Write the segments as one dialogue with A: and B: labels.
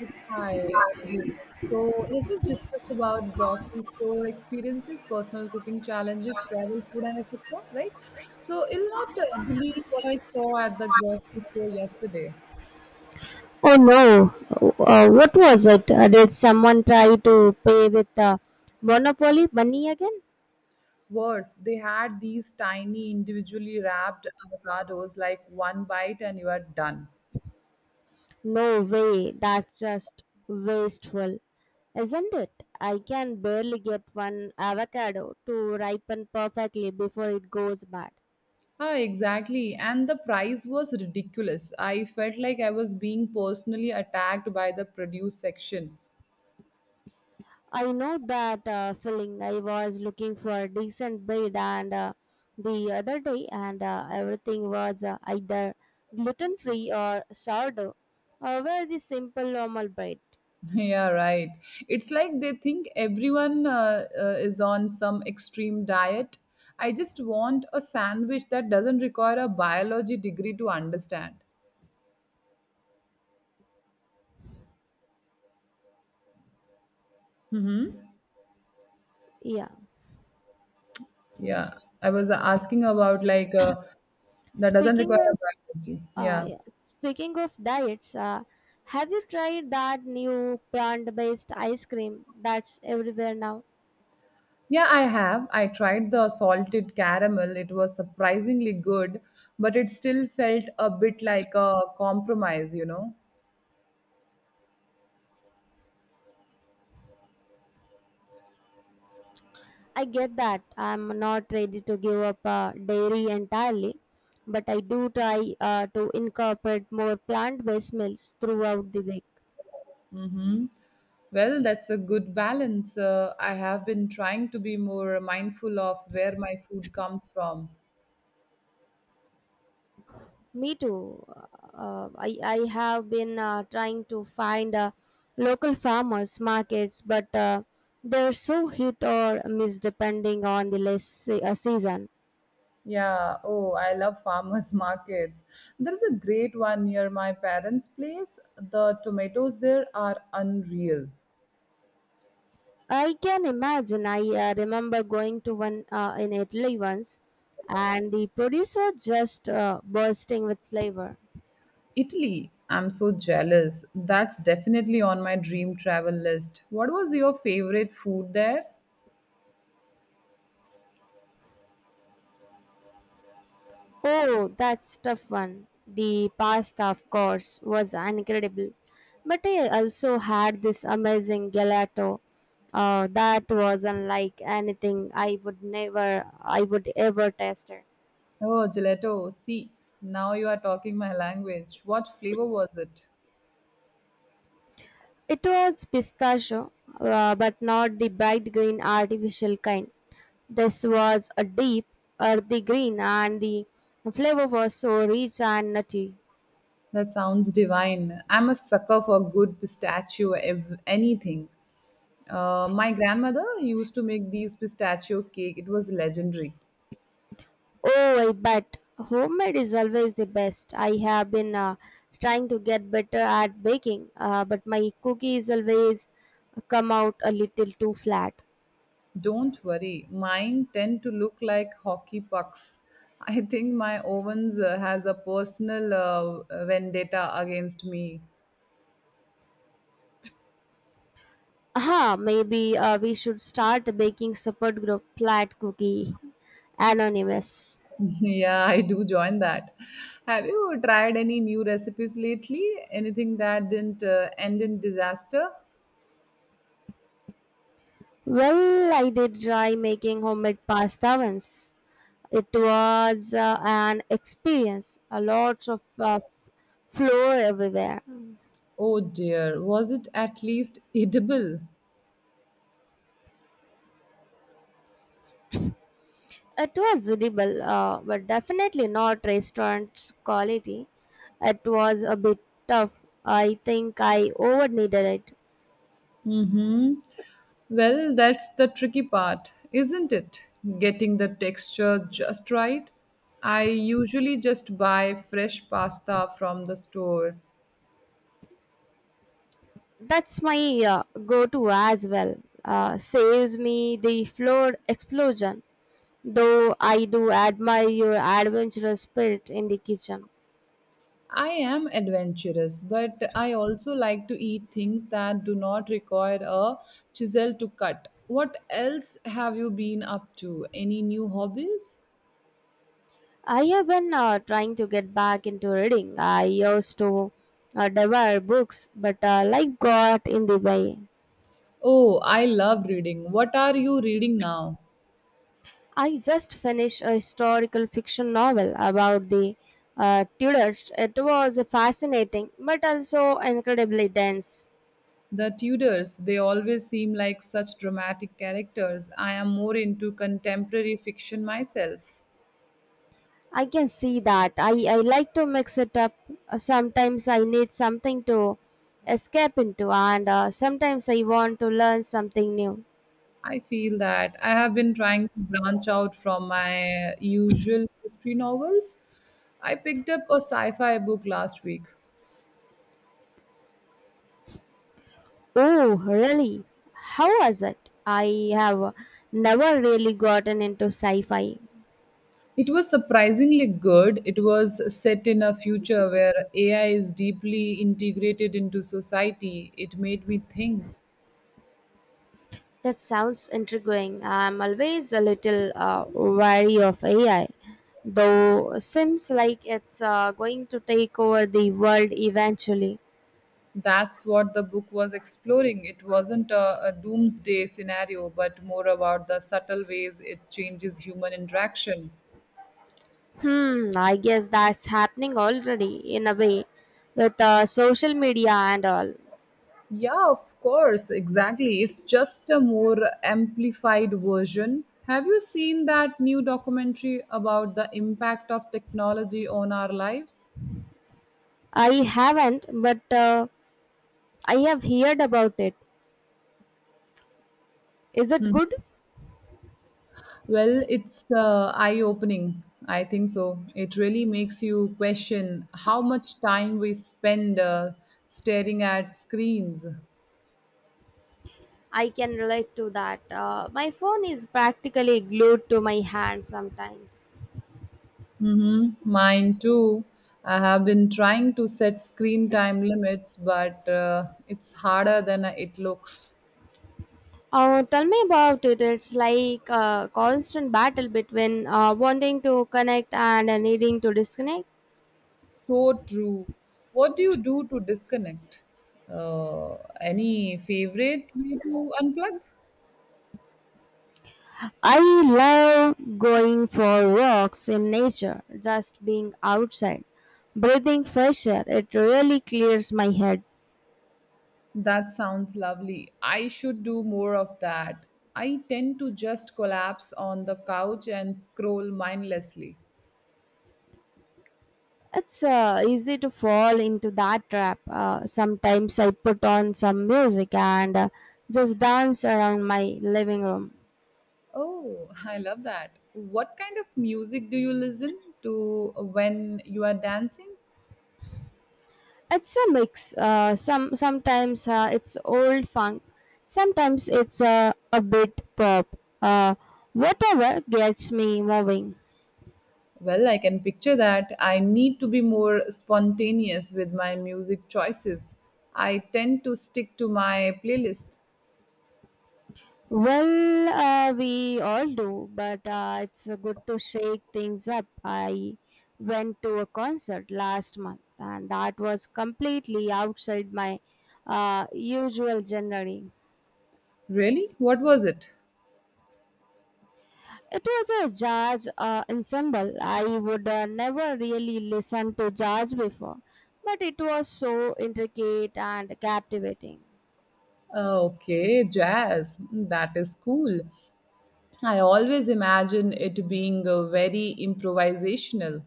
A: Hi, good evening. So let's just discuss about grocery store experiences, personal cooking challenges, travel, food, and etc. Right? So you'll not believe what I saw at the grocery store yesterday.
B: Oh no, what was it? Did someone try to pay with Monopoly money again?
A: Worse, they had these tiny, individually wrapped avocados, like one bite and you are done.
B: No way, that's just wasteful, isn't it? I can barely get one avocado to ripen perfectly before it goes bad.
A: Ah, exactly. And the price was ridiculous. I felt like I was being personally attacked by the produce section.
B: I know that feeling. I was looking for a decent bread and the other day, and everything was either gluten free or sourdough, or very simple normal bread.
A: Yeah, right. It's like they think everyone is on some extreme diet. I just want a sandwich that doesn't require a biology degree to understand. Hmm.
B: Yeah.
A: Yeah, I was asking about like that doesn't require
B: Speaking
A: a
B: of
A: biology. Yeah.
B: yeah. Speaking of diets, have you tried that new plant-based ice cream that's everywhere now?
A: Yeah, I have. I tried the salted caramel. It was surprisingly good, but it still felt a bit like a compromise, you know?
B: I get that I'm not ready to give up dairy entirely, but I do try to incorporate more plant-based meals throughout the week.
A: Mm-hmm. Well, that's a good balance. I have been trying to be more mindful of where my food comes from.
B: Me too. I have been trying to find local farmers markets, but they're so hit or miss depending on the season.
A: Yeah, oh, I love farmers markets. There's a great one near my parents' place. The tomatoes there are unreal.
B: I can imagine. I remember going to one in Italy once, and the producer just bursting with flavor.
A: Italy, I'm so jealous. That's definitely on my dream travel list. What was your favorite food there?
B: Oh, that's tough one. The pasta, of course, was incredible. But I also had this amazing gelato. That was unlike anything I would never, I would ever taste it.
A: Oh, gelato. See, now you are talking my language. What flavor was it?
B: It was pistachio, but not the bright green artificial kind. This was a deep, earthy green, and the flavor was so rich and nutty.
A: That sounds divine. I'm a sucker for good anything. My grandmother used to make these pistachio cake. It was legendary.
B: Oh, I bet. Homemade is always the best. I have been trying to get better at baking, but my cookies always come out a little too flat.
A: Don't worry, mine tend to look like hockey pucks. I think my ovens has a personal vendetta against me.
B: Aha, maybe we should start a baking support group, Flat Cookie Anonymous.
A: Yeah, I do join that. Have you tried any new recipes lately? Anything that didn't end in disaster?
B: Well, I did try making homemade pasta once. It was an experience, a lot of flour everywhere.
A: Oh dear, was it at least edible?
B: It was edible, but definitely not restaurant quality. It was a bit tough. I think I over needed it.
A: Mm-hmm. Well, that's the tricky part, isn't it? Getting the texture just right. I usually just buy fresh pasta from the store.
B: That's my go to as well. Saves me the floor explosion. Though I do admire your adventurous spirit in the kitchen.
A: I am adventurous, but I also like to eat things that do not require a chisel to cut. What else have you been up to? Any new hobbies?
B: I have been trying to get back into reading. I used to devour books, but life got in the way.
A: Oh, I love reading. What are you reading now?
B: I just finished a historical fiction novel about the Tudors. It was fascinating but also incredibly dense.
A: The Tudors, they always seem like such dramatic characters. I am more into contemporary fiction myself.
B: I can see that. I like to mix it up. Sometimes I need something to escape into, and sometimes I want to learn something new.
A: I feel that I have been trying to branch out from my usual history novels. I picked up a sci fi book last week.
B: Oh, really? How was it? I have never really gotten into sci fi.
A: It was surprisingly good. It was set in a future where AI is deeply integrated into society. It made me think.
B: That sounds intriguing. I'm always a little wary of AI, though seems like it's going to take over the world eventually.
A: That's what the book was exploring. It wasn't a doomsday scenario, but more about the subtle ways it changes human interaction.
B: Hmm, I guess that's happening already in a way with social media and all.
A: Yeah, of course, exactly. It's just a more amplified version. Have you seen that new documentary about the impact of technology on our lives?
B: I haven't, but I have heard about it. Is it
A: Hmm.
B: good?
A: Well, it's eye opening. I think so. It really makes you question how much time we spend staring at screens.
B: I can relate to that. My phone is practically glued to my hand sometimes.
A: Mm-hmm. Mine too. I have been trying to set screen time limits, but it's harder than it looks.
B: Tell me about it. It's like a constant battle between wanting to connect and needing to disconnect.
A: So true. What do you do to disconnect? Uh, any favorite way to unplug?
B: I love going for walks in nature, just being outside, breathing fresh air. It really clears my head.
A: That sounds lovely. I should do more of that. I tend to just collapse on the couch and scroll mindlessly.
B: It's easy to fall into that trap. Sometimes I put on some music and just dance around my living room.
A: Oh, I love that. What kind of music do you listen to when you are dancing?
B: It's a mix. Sometimes it's old funk, sometimes it's a bit pop. Whatever gets me moving.
A: Well, I can picture that. I need to be more spontaneous with my music choices. I tend to stick to my playlists.
B: Well, we all do, but it's good to shake things up. I went to a concert last month, and that was completely outside my usual genre.
A: Really? What was it?
B: It was a jazz ensemble. I would never really listen to jazz before, but it was so intricate and captivating.
A: Okay, jazz. Hmm, that is cool. I always imagine it being very improvisational.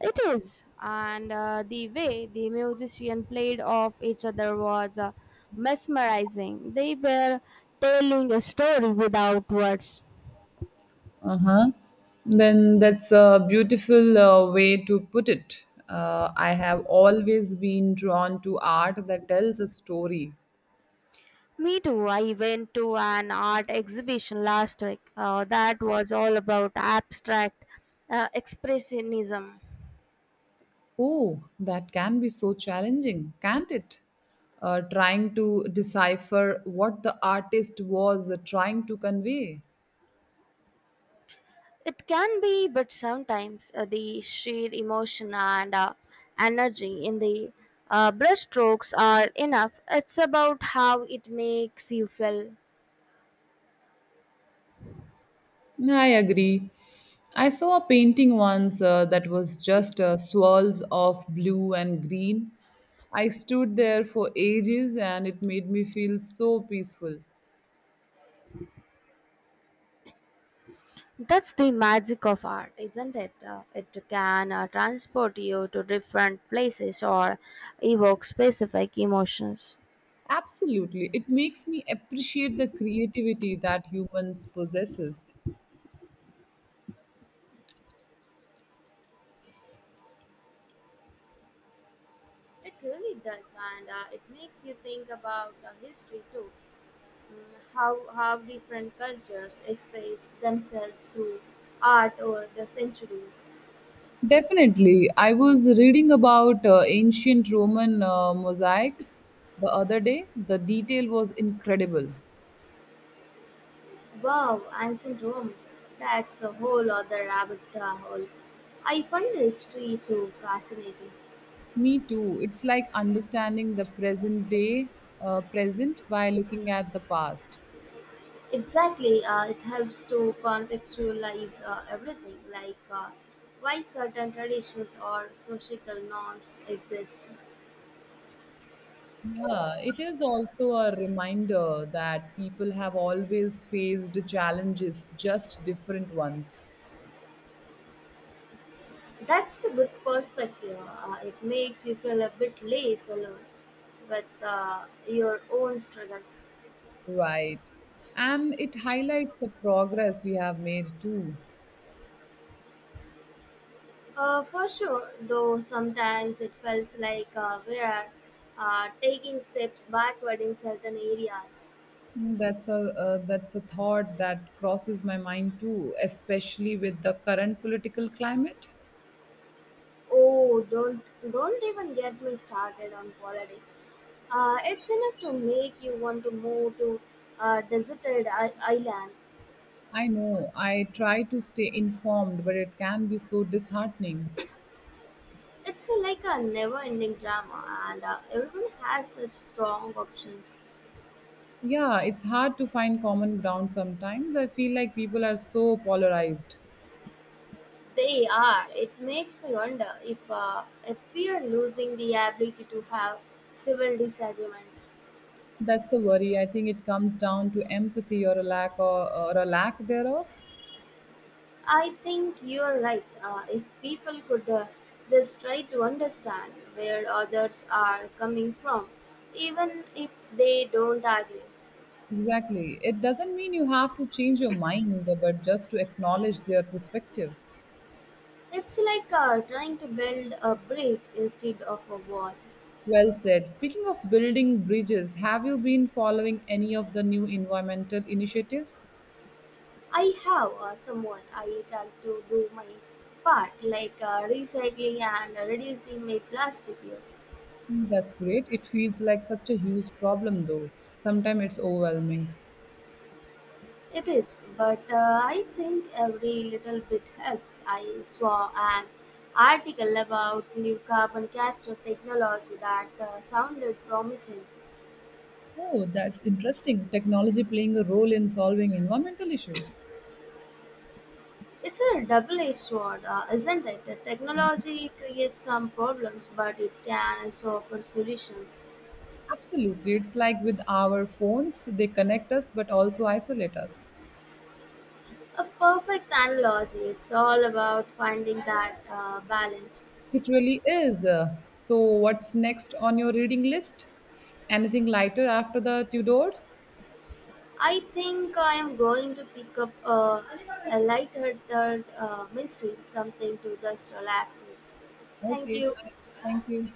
B: It is, and the way the musician played off each other was mesmerizing. They were telling a story without words.
A: Uh huh. Then that's a beautiful way to put it. I have always been drawn to art that tells a story.
B: Me too. I went to an art exhibition last week. That was all about abstract expressionism.
A: Oh, that can be so challenging, can't it? Trying to decipher what the artist was trying to convey.
B: It can be, but sometimes the sheer emotion and energy in the brushstrokes are enough. It's about how it makes you feel.
A: I agree. I saw a painting once that was just swirls of blue and green. I stood there for ages and it made me feel so peaceful.
B: That's the magic of art, isn't it? It can transport you to different places or evoke specific emotions.
A: Absolutely. It makes me appreciate the creativity that humans possesses.
B: It really does, and it makes you think about history too. How different cultures express themselves through art over the centuries.
A: Definitely. I was reading about ancient Roman mosaics the other day. The detail was incredible.
B: Wow, ancient Rome, that's a whole other rabbit hole. I find history so fascinating.
A: Me too. It's like understanding the present by looking at the past.
B: Exactly, it helps to contextualize everything, like why certain traditions or societal norms exist.
A: Yeah, it is also a reminder that people have always faced challenges, just different ones.
B: That's a good perspective. It makes you feel a bit less alone with your own struggles.
A: Right. And it highlights the progress we have made too.
B: For sure, though sometimes it feels like we are taking steps backward in certain areas.
A: Mm, that's a thought that crosses my mind too, especially with the current political climate.
B: Oh, don't even get me started on politics. It's enough to make you want to move to a deserted island.
A: I know I try to stay informed, but it can be so disheartening.
B: It's like a never-ending drama, and everyone has such strong options.
A: Yeah, it's hard to find common ground sometimes. I feel like people are so polarized.
B: They are. It makes me wonder if we are losing the ability to have civil disagreements.
A: That's a worry. I think it comes down to empathy or a lack thereof.
B: I think you're right. If people could just try to understand where others are coming from, even if they don't agree,
A: Exactly. It doesn't mean you have to change your mind, but just to acknowledge their perspective.
B: it's like trying to build a bridge instead of a wall.
A: Well said. Speaking of building bridges, have you been following any of the new environmental initiatives?
B: I have someone I try to do my part, like recycling and reducing my plastic use.
A: Mm, that's great. It feels like such a huge problem, though. Sometimes it's overwhelming.
B: It is, but I think every little bit helps. I saw an article about new carbon capture technology that sounded promising.
A: Oh, that's interesting. Technology playing a role in solving environmental issues.
B: It's a double edged sword, isn't it? The technology creates some problems, but it can offer us
A: Absolutely. It's like with our phones, they connect us but also isolate us.
B: a positive. It's all about finding that balance.
A: It really is. So, what's next on your reading list? Anything lighter after the Tudors?
B: I think I am going to pick up a lighthearted mystery, something to just relax with.
A: Okay,
B: You
A: fine. Thank you.